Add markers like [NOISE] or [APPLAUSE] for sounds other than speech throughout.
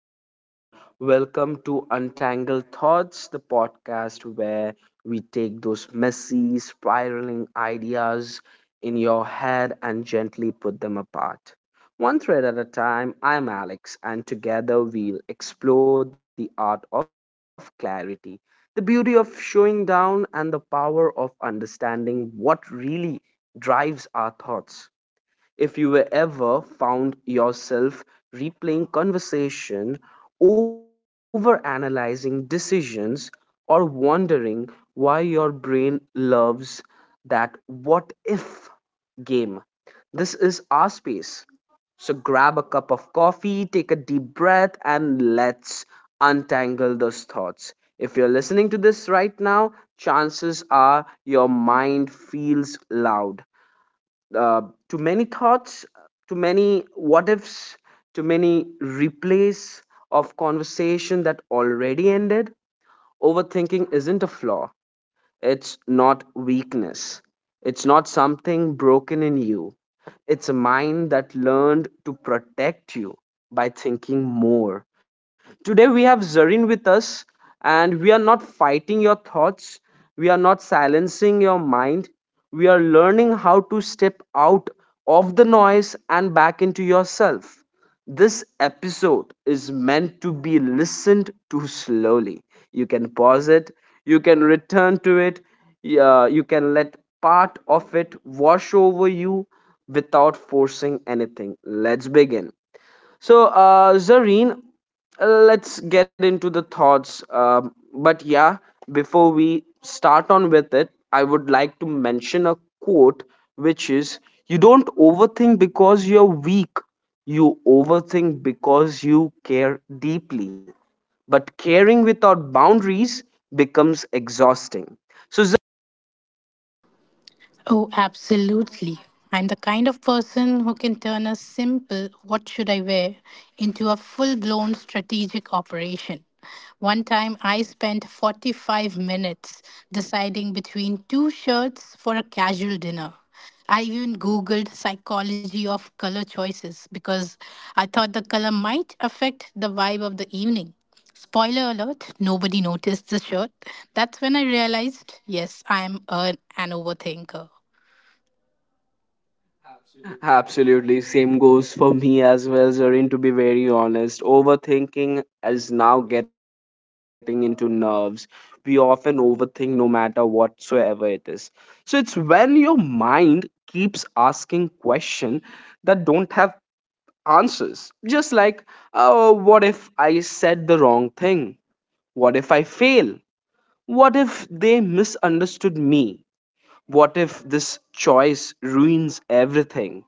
everyone. Welcome to Untangle Thoughts, the podcast where we take those messy, spiraling ideas in your head and gently put them apart. One thread at a time, I'm Alex, and together we'll explore the art of clarity, the beauty of showing down, and the power of understanding what really drives our thoughts. If you were ever found yourself replaying conversation, overanalyzing decisions, or wondering why your brain loves that what if game, this is our space. So grab a cup of coffee, take a deep breath, and let's untangle those thoughts. If you're listening to this right now, chances are your mind feels loud, uh, to many thoughts, to many what ifs, to many replays of conversation that already ended. Overthinking isn't a flaw. It's not weakness. It's not something broken in you. It's a mind that learned to protect you by thinking more. Today we have Zareen with us, and we are not fighting your thoughts, we are not silencing your mind, we are learning how to step out of the noise and back into yourself. This episode is meant to be listened to slowly. You can pause it, you can return to it, yeah, you can let part of it wash over you without forcing anything. Let's begin. So, Zareen, let's get into the thoughts. But yeah, before we start on with it, I would like to mention a quote, which is, you don't overthink because you're weak, you overthink because you care deeply. But caring without boundaries becomes exhausting. So, Oh, absolutely. I'm the kind of person who can turn a simple, what should I wear, into a full blown strategic operation. One time I spent 45 minutes deciding between two shirts for a casual dinner. I even googled psychology of color choices because I thought the color might affect the vibe of the evening. Spoiler alert, nobody noticed the shirt. That's when I realized, yes, I'm an overthinker. absolutely, same goes for me as well, Zareen. To be very honest, overthinking is now getting into nerves. We often overthink no matter whatsoever it is. So it's when your mind keeps asking questions that don't have answers. Just like, oh, what if I said the wrong thing? What if I fail? What if they misunderstood me? What if this choice ruins everything?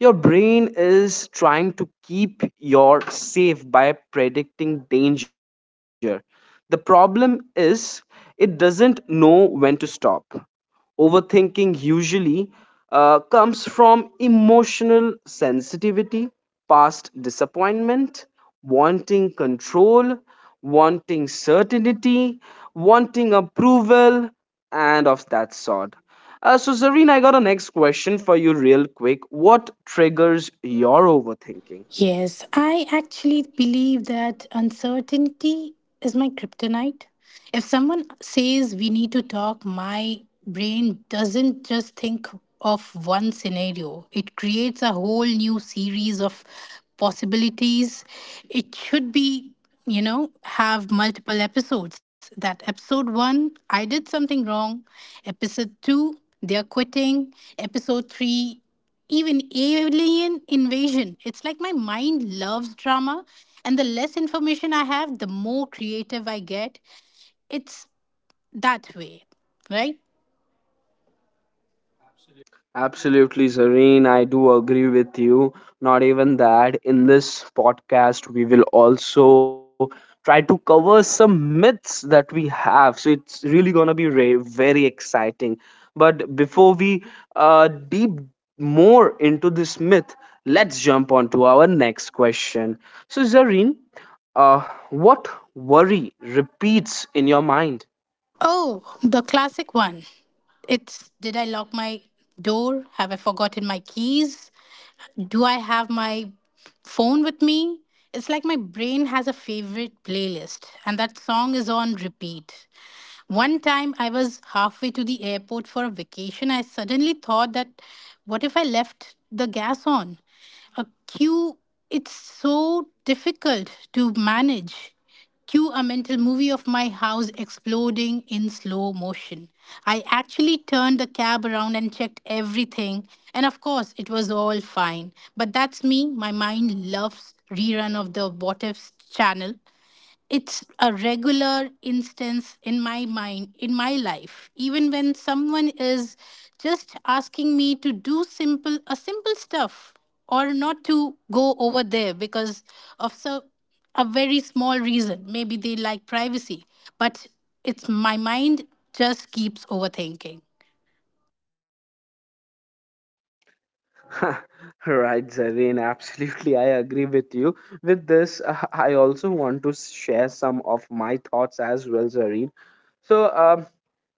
Your brain is trying to keep you safe by predicting danger. The problem is, it doesn't know when to stop. Overthinking usually comes from emotional sensitivity, past disappointment, wanting control, wanting certainty, wanting approval, and of that sort. So, Zareen, I got a next question for you, real quick. What triggers your overthinking? Yes, I actually believe that uncertainty is my kryptonite. If someone says we need to talk, my brain doesn't just think of one scenario, it creates a whole new series of possibilities. It should be, have multiple episodes. That episode one, I did something wrong. Episode two, they're quitting. Episode three, even alien invasion. It's like my mind loves drama, and the less information I have, the more creative I get. It's that way, right? Absolutely, Zareen. I do agree with you. Not even that. In this podcast, we will also try to cover some myths that we have. So it's really going to be very exciting. But before we deep more into this myth, let's jump on to our next question. So, Zareen, what worry repeats in your mind? Oh, the classic one. It's did I lock my door? Have I forgotten my keys? Do I have my phone with me? It's like my brain has a favorite playlist, and that song is on repeat. One time I was halfway to the airport for a vacation, I suddenly thought that what if I left the gas on? A queue, it's so difficult to manage. Cue a mental movie of my house exploding in slow motion. I actually turned the cab around and checked everything, and of course, it was all fine. But that's me. My mind loves rerun of the What Ifs channel. It's a regular instance in my mind, in my life, even when someone is just asking me to do simple a simple stuff, or not to go over there because of so a very small reason. Maybe they like privacy, but it's my mind, just keeps overthinking. [LAUGHS] Right, Zareen, absolutely. I agree with you. With this, I also want to share some of my thoughts as well, Zareen. So,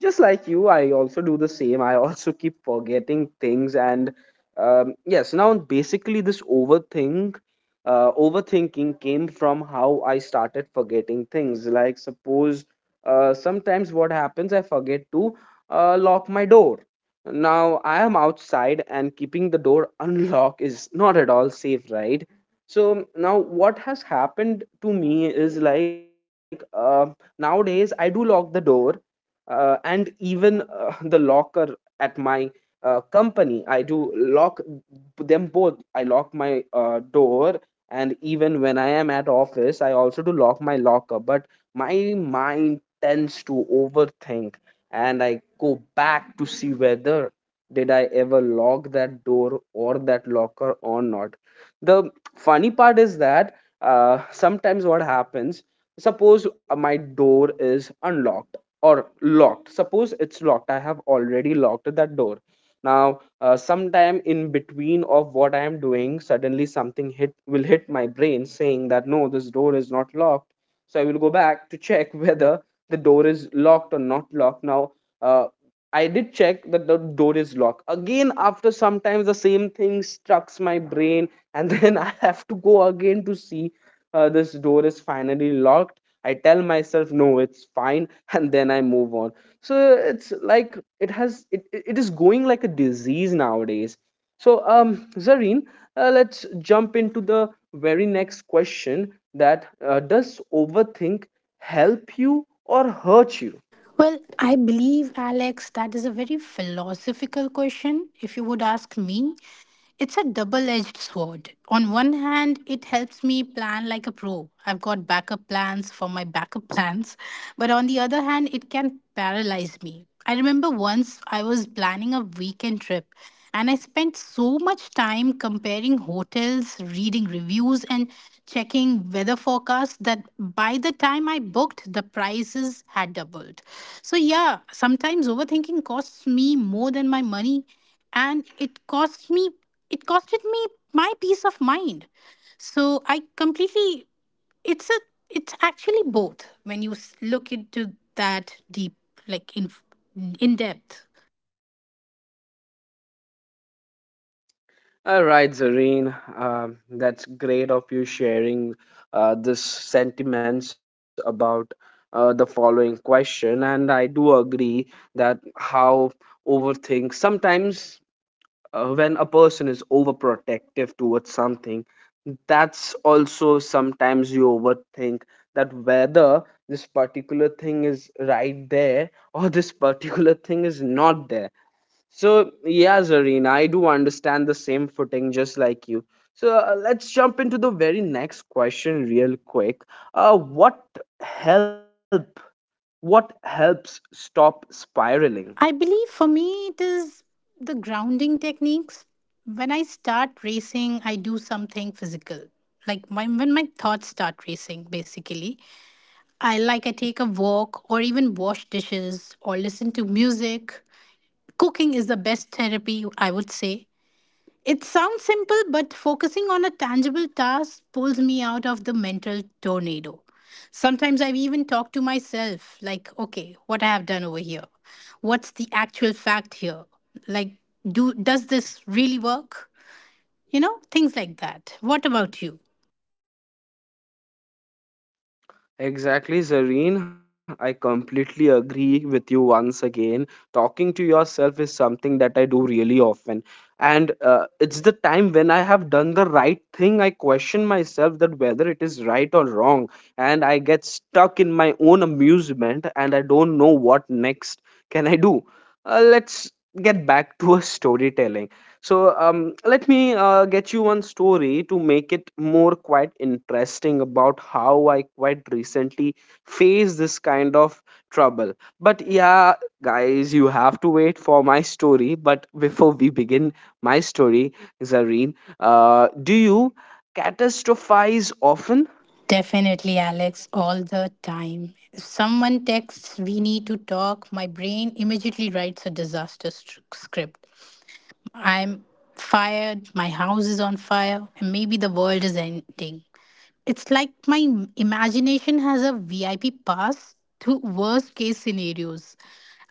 just like you, I also do the same. I also keep forgetting things, and yes, now basically this overthinking came from how I started forgetting things. Like suppose, sometimes what happens, I forget to lock my door, now I am outside and keeping the door [LAUGHS] unlocked is not at all safe, right? So now what has happened to me is like, nowadays I do lock the door, and even [LAUGHS] the locker at my company, I do lock them both. I lock my door and even when I am at office I also do lock my locker. But my mind tends to overthink and I go back to see whether did I ever lock that door or that locker or not. The funny part is that, sometimes what happens, suppose my door is unlocked or locked. Suppose it's locked. I have already locked that door. Now, sometime in between of what I am doing, suddenly something hit will hit my brain saying that no, this door is not locked. So I will go back to check [LAUGHS] whether the door is locked or not locked now. uh, I did check that the door is locked again. After sometimes the same thing strucks my brain [LAUGHS] and then I have to go again to see, this door is finally locked. I tell myself no, it's fine, [LAUGHS] and then I move on. So it's like it has it is going like a disease nowadays. So, Zareen, let's jump into the very next question, that does overthink help you or hurt you. Well, I believe, Alex, that is a very philosophical question, if you would ask me. It's a double edged sword. On one hand, it helps me plan like a pro. I've got backup plans for my backup plans. But on the other hand, it can paralyze me. I remember once I was planning a weekend trip and I spent so much time comparing hotels, reading reviews, and checking weather forecasts that by the time I booked, the prices had doubled. So, yeah, sometimes overthinking costs me more than my money, and it costed me my peace of mind. So I completely it's a it's actually both when you look into that deep, like in depth. All right, Zareen, that's great of you sharing this sentiments about the following question, and I do agree that how overthink sometimes, when a person is overprotective towards something, that's also sometimes you overthink that whether this particular thing is right there or this particular thing is not there. So, yeah, Zareen, I do understand the same footing just like you. So, let's jump into the very next question real quick. Uh, what help? What helps stop spiraling? I believe for me it is the grounding techniques. When I start racing, I do something physical, when my thoughts start racing basically, I take a walk or even wash dishes or listen to music. Cooking is the best therapy, I would say. It sounds simple, but focusing on a tangible task pulls me out of the mental tornado. Sometimes I've even talked to myself, like, okay, what I have done over here? What's the actual fact here? Like, do does this really work? You know, things like that. What about you? Exactly, Zareen. I completely agree with you once again. Talking to yourself is something that I do really often. And it's the time when I have done the right thing, I question myself that whether it is right or wrong. And I get stuck in my own amusement and I don't know what next can I do. Let's get back to a storytelling. So, let me get you one story to make it more quite interesting about how I quite recently faced this kind of trouble. But yeah, guys, you have to wait for my story. But before we begin my story, Zareen, do you catastrophize often? Definitely, Alex, all the time. If someone texts, we need to talk, my brain immediately writes a disaster script. I'm fired, my house is on fire, and maybe the world is ending. It's like my imagination has a VIP pass to worst case scenarios.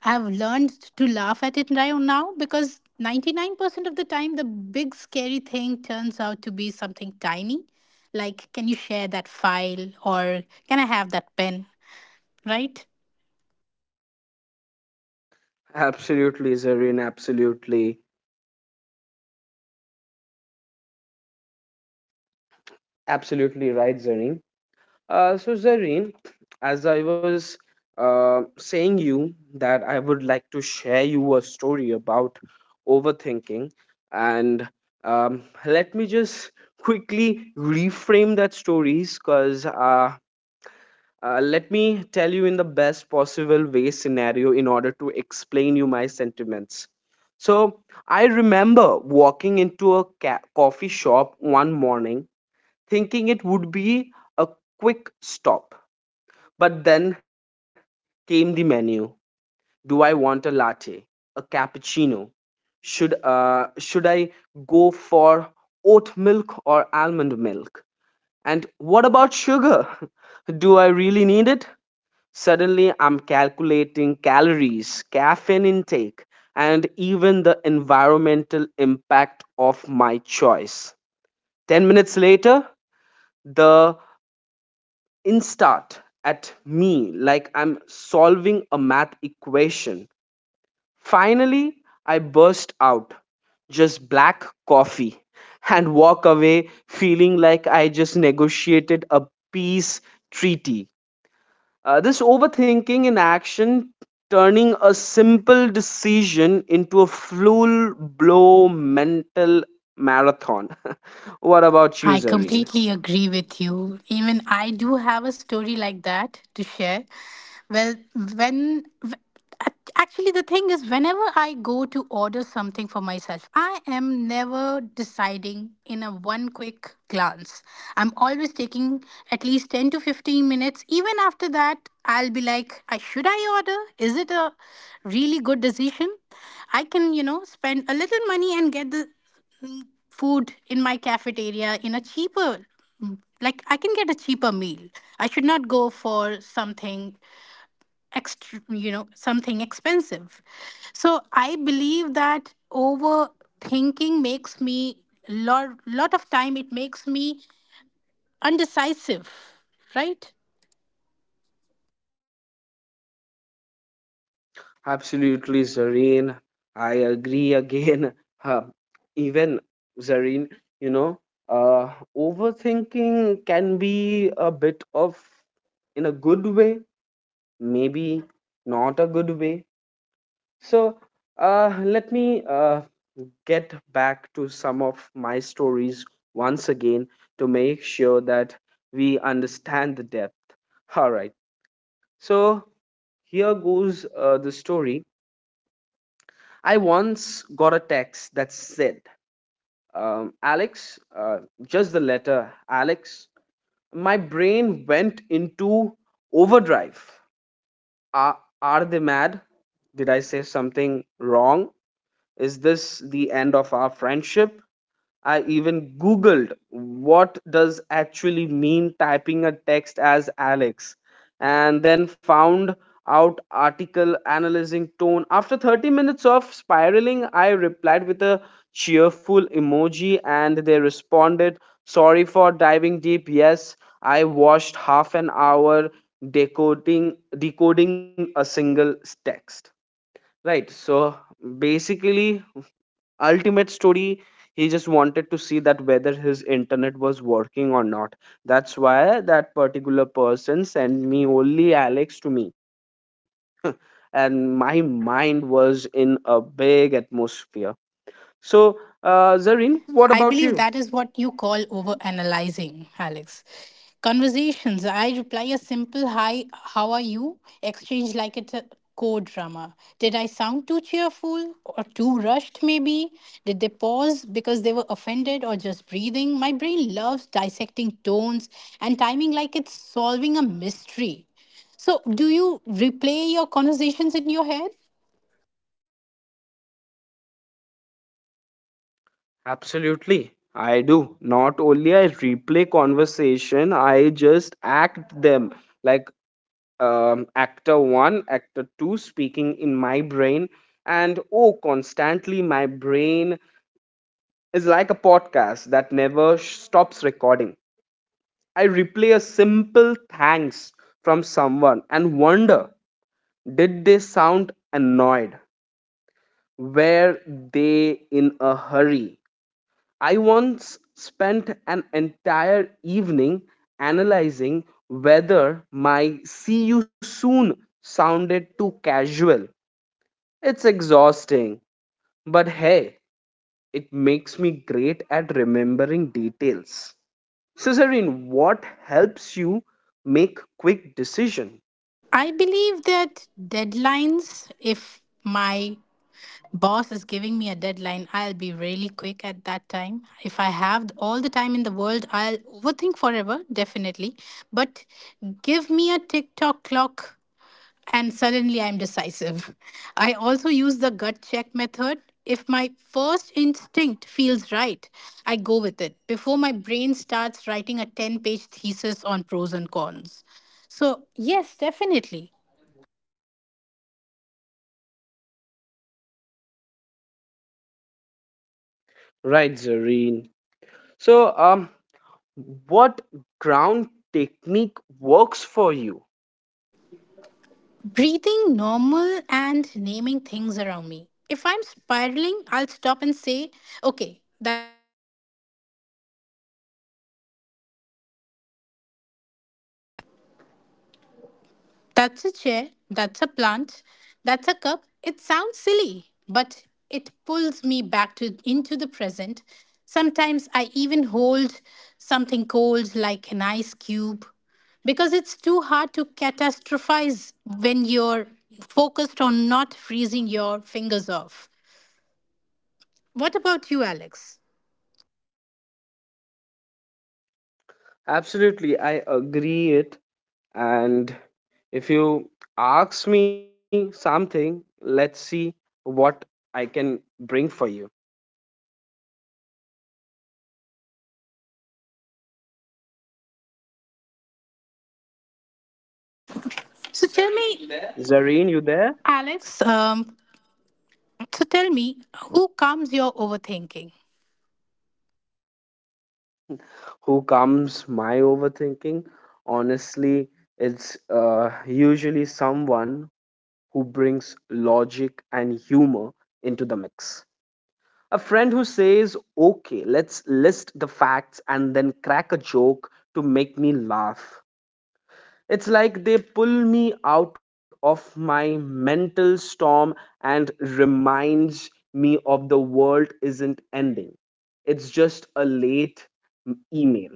I've learned to laugh at it right now because 99% of the time, the big scary thing turns out to be something tiny. Like, can you share that file, or can I have that pen? Right? Absolutely, Zareen. Absolutely, absolutely right, Zareen. So, Zareen, as I was saying you that I would like to share you a story about overthinking, and let me just quickly reframe that stories because let me tell you in the best possible way scenario in order to explain you my sentiments. So I remember walking into a coffee shop one morning, thinking it would be a quick stop, but then came the menu. Do I want a latte, a cappuccino? Should I go for oat milk or almond milk? And what about sugar? [LAUGHS] Do I really need it? Suddenly I'm calculating calories, caffeine intake, and even the environmental impact of my choice. 10 minutes later, the instart at me like I'm solving a math equation. Finally, I burst out, just black coffee, [LAUGHS] and walk away feeling like I just negotiated a peace treaty. This overthinking in action, turning a simple decision into a full blow mental marathon. [LAUGHS] What about you, I Zareen? completely agree with you. Even I do have a story like that to share. Well, when w- actually the thing is, whenever I go to order something for myself, I am never deciding in a one quick glance. I'm always taking at least 10 to 15 minutes. Even after that, I'll be like, should I order? Is it a really good decision? I can, you know, spend a little money and get the food in my cafeteria in a cheaper like, I can get a cheaper meal. I should not go for something extra, you know, something expensive." So I believe that overthinking makes me, lot of time, it makes me undecisive, right? Absolutely, Zareen. I agree again. [LAUGHS] Uh, Even Zareen, you know, overthinking can be a bit of in a good way, maybe not a good way. So, let me get back to some of my stories once again to make sure that we understand the depth. All right. So, here goes the story. I once got a text that said, Alex, just the letter Alex. My brain went into overdrive. Are they mad? Did I say something wrong? Is this the end of our friendship? I even googled what does actually mean typing a text as Alex and then found out article analyzing tone. After 30 minutes of spiraling, I replied with a cheerful emoji and they responded, "Sorry for diving deep. Yes, I watched half an hour decoding a single text." Right. So basically ultimate story, he just wanted to see that whether his internet was working or not, that's why that particular person sent me only Alex to me, and my mind was in a big atmosphere. So, Zareen, what about I you? believe that is what you call overanalyzing, Alex. Conversations. I reply a simple hi, how are you? Exchange like it's a code drama. Did I sound too cheerful or too rushed, maybe? Did they pause because they were offended or just breathing? My brain loves dissecting tones and timing like it's solving a mystery. So, do you replay your conversations in your head? Absolutely, I do not only I replay conversation, I just act them, like, actor one, actor two speaking in my brain. And oh, constantly my brain is like a podcast that never stops recording. I replay a simple thanks from someone and wonder, did they sound annoyed? Were they in a hurry? I once spent an entire evening analyzing whether my see you soon sounded too casual. It's exhausting, but hey, it makes me great at remembering details. So, Zareen, what helps you make quick decision? I believe that deadlines, if my boss is giving me a deadline, I'll be really quick at that time. If I have all the time in the world, I'll overthink forever, definitely. But give me a TikTok clock and suddenly I'm decisive. [LAUGHS] I also use the gut check method. If my first instinct feels right, I go with it before my brain starts writing a 10-page thesis on pros and cons. So, yes, definitely. Right, Zareen. So, what ground technique works for you? Breathing normal and naming things around me. If I'm spiraling, I'll stop and say, okay, That's a chair, that's a plant, that's a cup. It sounds silly, but it pulls me back to into the present. Sometimes I even hold something cold like an ice cube because it's too hard to catastrophize when you're focused on not freezing your fingers off. What about you, Alex? Absolutely, I agree it. And if you ask me something, let's see what I can bring for you. So tell me, Zareen, you there? Alex, so tell me, who calms your overthinking? Who comes my overthinking? Honestly, it's usually someone who brings logic and humor into the mix, a friend who says okay, let's list the facts and then crack a joke to make me laugh. It's like they pull me out of my mental storm and reminds me of the world isn't ending, it's just a late email.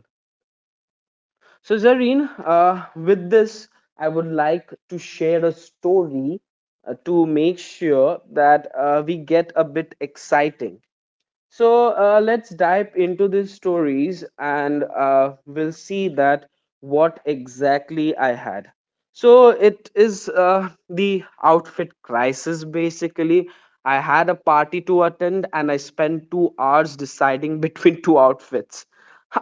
So, Zareen, with this, I would like to share a story to make sure that we get a bit exciting. Let's dive into these stories and we'll see that what exactly I had. So it is the outfit crisis basically. I had a party to attend and I spent 2 hours deciding [LAUGHS] between two outfits.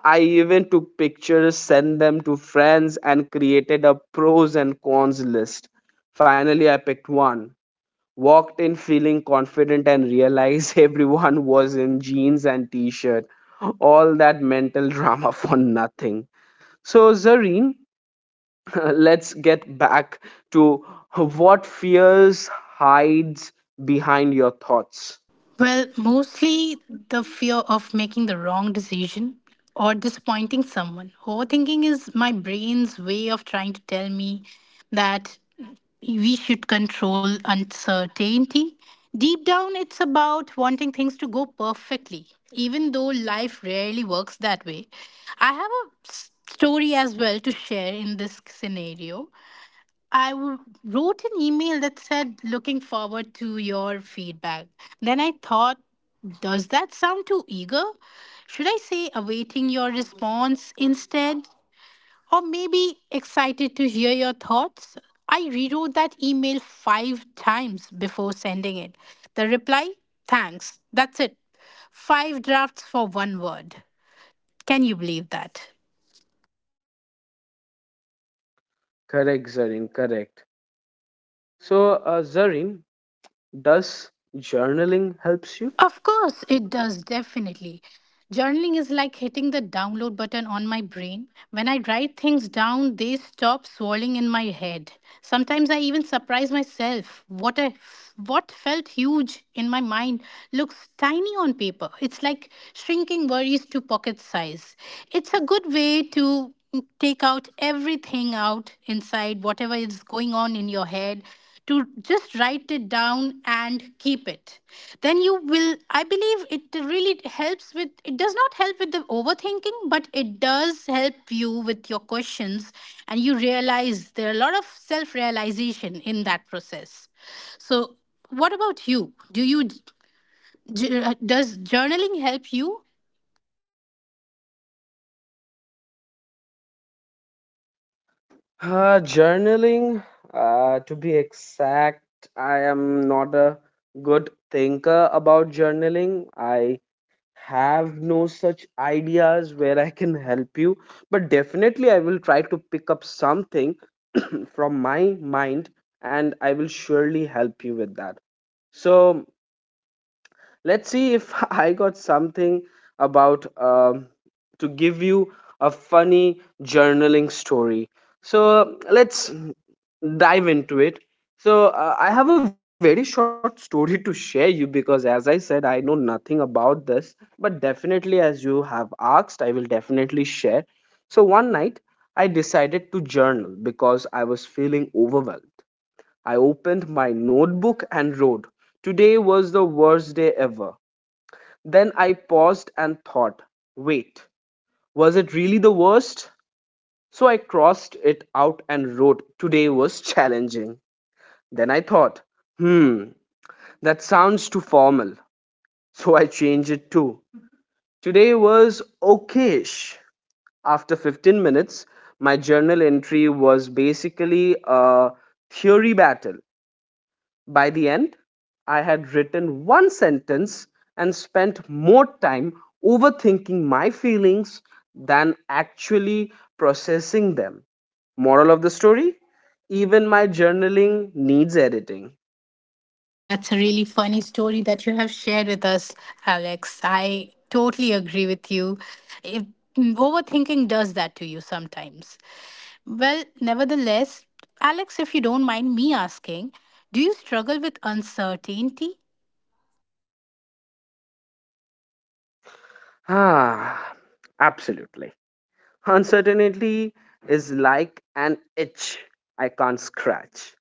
I even took pictures, sent them to friends, and created a pros and cons list. Finally, I picked one, walked in feeling confident and realized [LAUGHS] everyone was in jeans and t-shirt. All that mental drama for nothing. So, Zareen, [LAUGHS] let's get back to what fears hides behind your thoughts. Well, mostly the fear of making the wrong decision or disappointing someone. Overthinking is my brain's way of trying to tell me that we should control uncertainty. Deep down, it's about wanting things to go perfectly, even though life rarely works that way. I have a story as well to share in this scenario. I wrote an email that said, looking forward to your feedback. Then I thought, does that sound too eager? Should I say, awaiting your response instead? Or maybe excited to hear your thoughts? I rewrote that email five times before sending it. The reply, thanks. That's it. Five drafts for one word. Can you believe that? Correct, Zareen, correct. So, Zareen, does journaling helps you? Of course, it does, definitely. Journaling is like hitting the download button on my brain. When I write things down, they stop swirling in my head. Sometimes I even surprise myself. What felt huge in my mind looks tiny on paper. It's like shrinking worries to pocket size. It's a good way to take out everything out inside, whatever is going on in your head, to just write it down and keep it. Then you will, I believe, it really helps with, it does not help with the overthinking, but it does help you with your questions. And you realize there are a lot of self realization in that process. So what about you? Does journaling help you? Journaling, to be exact, I am not a good thinker about journaling. I have no such ideas where I can help you, but definitely I will try to pick up something [CLEARS THROAT] from my mind, and I will surely help you with that. So, let's see if [LAUGHS] I got something about to give you a funny journaling story. So let's dive into it. So, I have a very short story to share you because as I said, I know nothing about this, but definitely as you have asked, I will definitely share. So one night I decided to journal because I was feeling overwhelmed. I opened my notebook and wrote, today was the worst day ever. Then I paused and thought, wait, was it really the worst? So I crossed it out and wrote, today was challenging. Then I thought, hmm, that sounds too formal. So I changed it to, today was okayish. After 15 minutes, my journal entry was basically a theory battle. By the end, I had written one sentence and spent more time overthinking my feelings than actually processing them. Moral of the story? Even my journaling needs editing. That's a really funny story that you have shared with us, Alex. I totally agree with you. If, mm, Overthinking does that to you sometimes. Well, nevertheless, Alex, if you don't mind me asking, do you struggle with uncertainty? Ah, absolutely. Uncertainty is like an itch I can't scratch.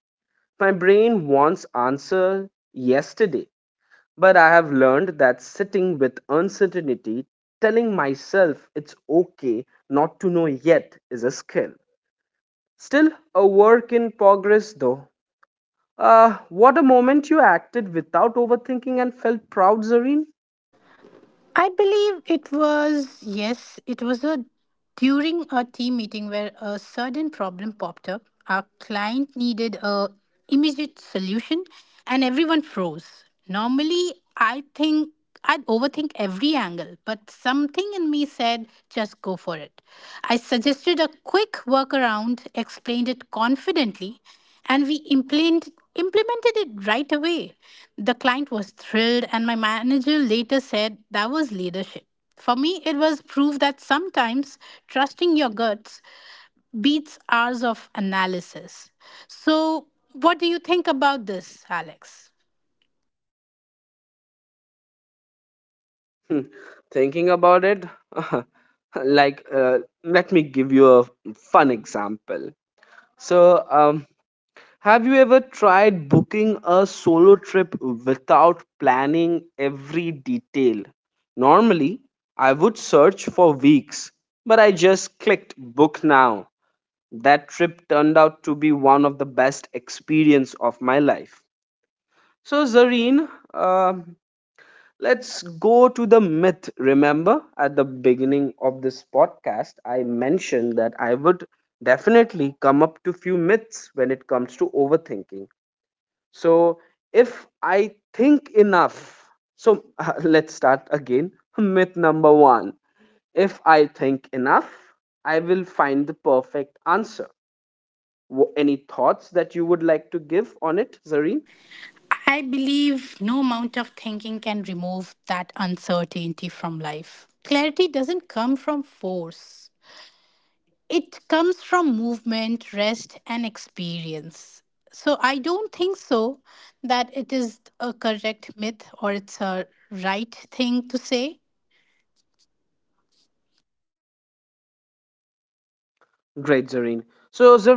My brain wants answer yesterday, but I have learned that sitting with uncertainty, telling myself it's okay not to know yet, is a skill. Still a work in progress, though. What a moment you acted without overthinking and felt proud, Zareen. I believe it was, yes, it was a during a team meeting where a sudden problem popped up. Our client needed a immediate solution and everyone froze. Normally, I think I'd overthink every angle, but something in me said just go for it. I suggested a quick workaround, explained it confidently, and we implemented it right away. The client was thrilled, and my manager later said that was leadership. For me, it was proof that sometimes trusting your guts beats hours of analysis. So, what do you think about this, Alex? Hmm, thinking about it, [LAUGHS] like, let me give you a fun example. So, have you ever tried booking a solo trip without planning every detail? Normally, I would search for weeks, but I just clicked book now. That trip turned out to be one of the best experience of my life. So, Zareen, um, let's go to the myth. Remember, at the beginning of this podcast, I mentioned that I would definitely come up to few myths when it comes to overthinking. So if I think enough, so [LAUGHS] let's start again. Myth number one, if I think enough, I will find the perfect answer. Any thoughts that you would like to give on it, Zareen? I believe no amount of thinking can remove that uncertainty from life. Clarity doesn't come from force. It comes from movement, rest, and experience. So I don't think so that it is a correct myth or it's a right thing to say.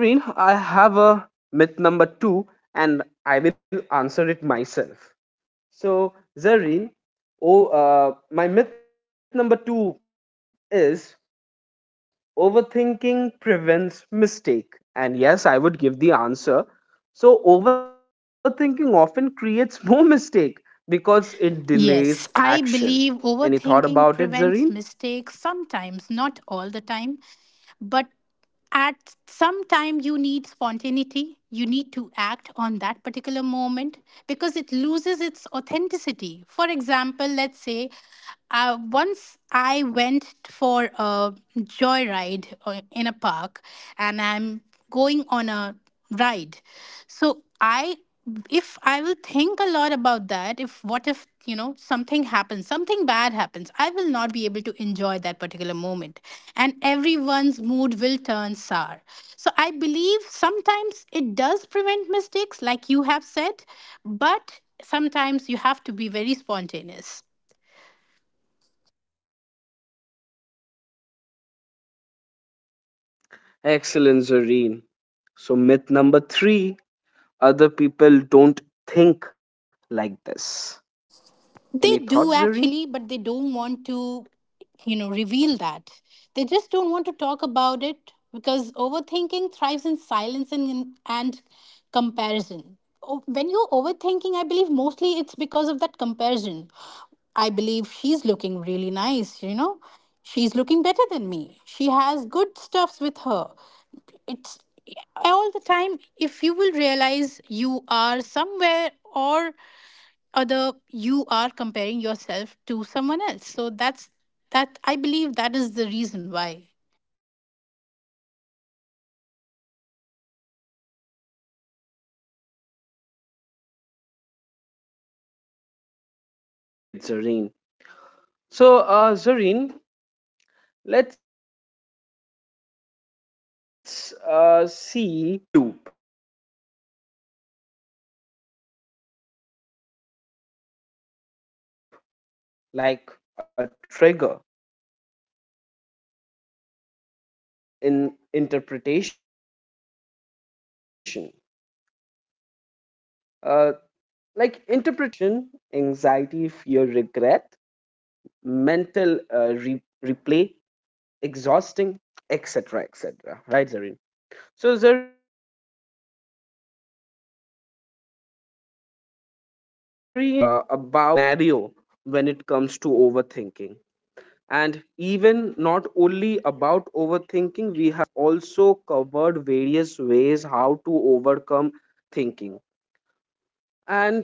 Great, Zareen. So, Zareen, I have a myth number two, and I will answer it myself. So, Zareen, oh, my myth number two is, overthinking prevents mistake. And yes, I would give the answer. So, overthinking often creates [LAUGHS] more mistake because it delays Yes, I action. believe Any thought about overthinking it, Zareen? prevents mistakes sometimes, not all the time, but at some time you need spontaneity. You need to act on that particular moment because it loses its authenticity. For example, let's say, once I went for a joyride in a park, and I'm going on a ride. So I, if I will think a lot about that, if what if you know something happens, something bad happens, I will not be able to enjoy that particular moment, and everyone's mood will turn sour. So I believe sometimes it does prevent mistakes, like you have said, but sometimes you have to be very spontaneous. Excellent, Zareen. So, myth number three, other people don't think like this. Any thoughts, They Zareen? do actually, but they don't want to reveal that. They just don't want to talk about it because overthinking thrives in silence and and comparison. When you're overthinking, I believe mostly it's because of that comparison. I believe she's looking really nice. She's looking better than me. She has good stuffs with her. It's all the time, if you will realize, you are somewhere or other you are comparing yourself to someone else, so that I believe that is the reason why. Great, Zareen. So, Zareen, let's see how do we name the loop, like a trigger in interpretation. Uh, like interpretation, this means something bad, emotional reaction, anxiety, fear, regret, mental replay, exhausting, etc., etc. Right, Zareen? So, Zareen, in this podcast, we have nearly about have covered the entire scenario when it comes to overthinking. And even not only about overthinking, we have also covered various ways how to overcome thinking.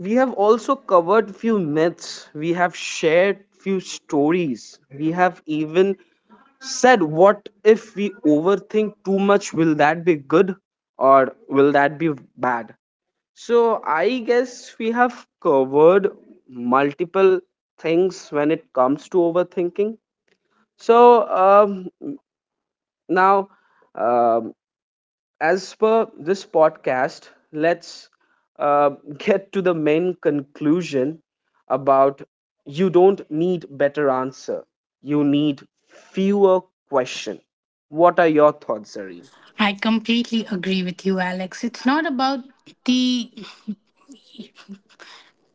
And we have also covered few myths, we have shared few stories, we have even said what if we overthink too much, will that be good or will that be bad? So I guess we have covered multiple things when it comes to overthinking. So, um, now um as per this podcast, let's uh, get to the main conclusion about, you don't need better answer. You need fewer question. What are your thoughts, Zareen? I completely agree with you, Alex. It's not about the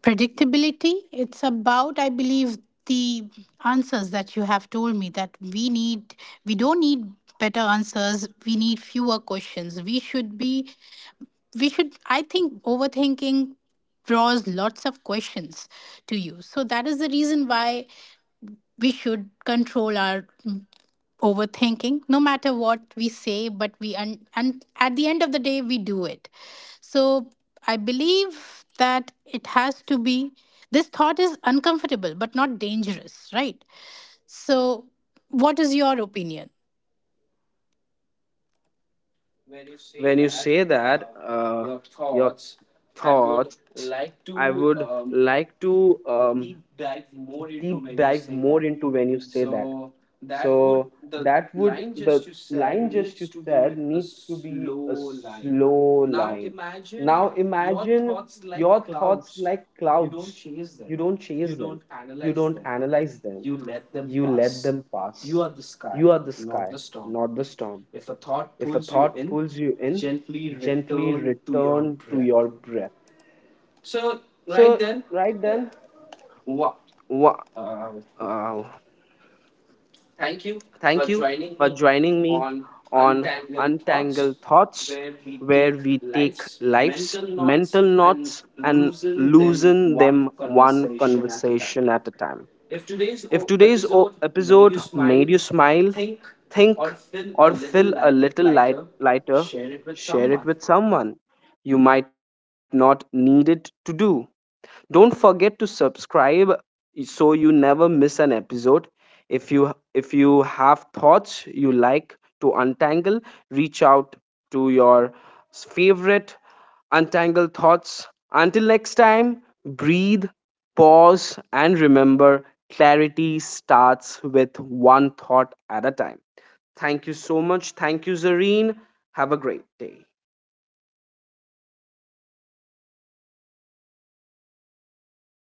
predictability. It's about, I believe, the answers that you have told me, that we don't need better answers, we need fewer questions. We should, I think, overthinking draws lots of questions to you, so that is the reason why we should control our overthinking, no matter what we say, but we and at the end of the day, we do it. So I believe that it has to be, this thought is uncomfortable but not dangerous, right? So what is your opinion? When you say that, your thoughts, I would like to deep dive more into when you say that. So that would the line just you said needs to be a slow line. Now imagine your thoughts like clouds. You don't chase them. You don't analyze them. You let them pass. You are the sky, not the storm. If a thought pulls you in, gently return to your breath. So right then, wha- uh, thank you for joining me on Untangled Thoughts, where we take life's mental knots and loosen them one conversation at a time. If today's episode made you smile, think, or feel a lighter, share it with someone you might not need it to do. Don't forget to subscribe so you never miss an episode. If you have thoughts you like to untangle, reach out to your favorite untangle thoughts. Until next time, breathe, pause and remember clarity starts with one thought at a time. Thank you so much. Thank you, Zareen. Have a great day.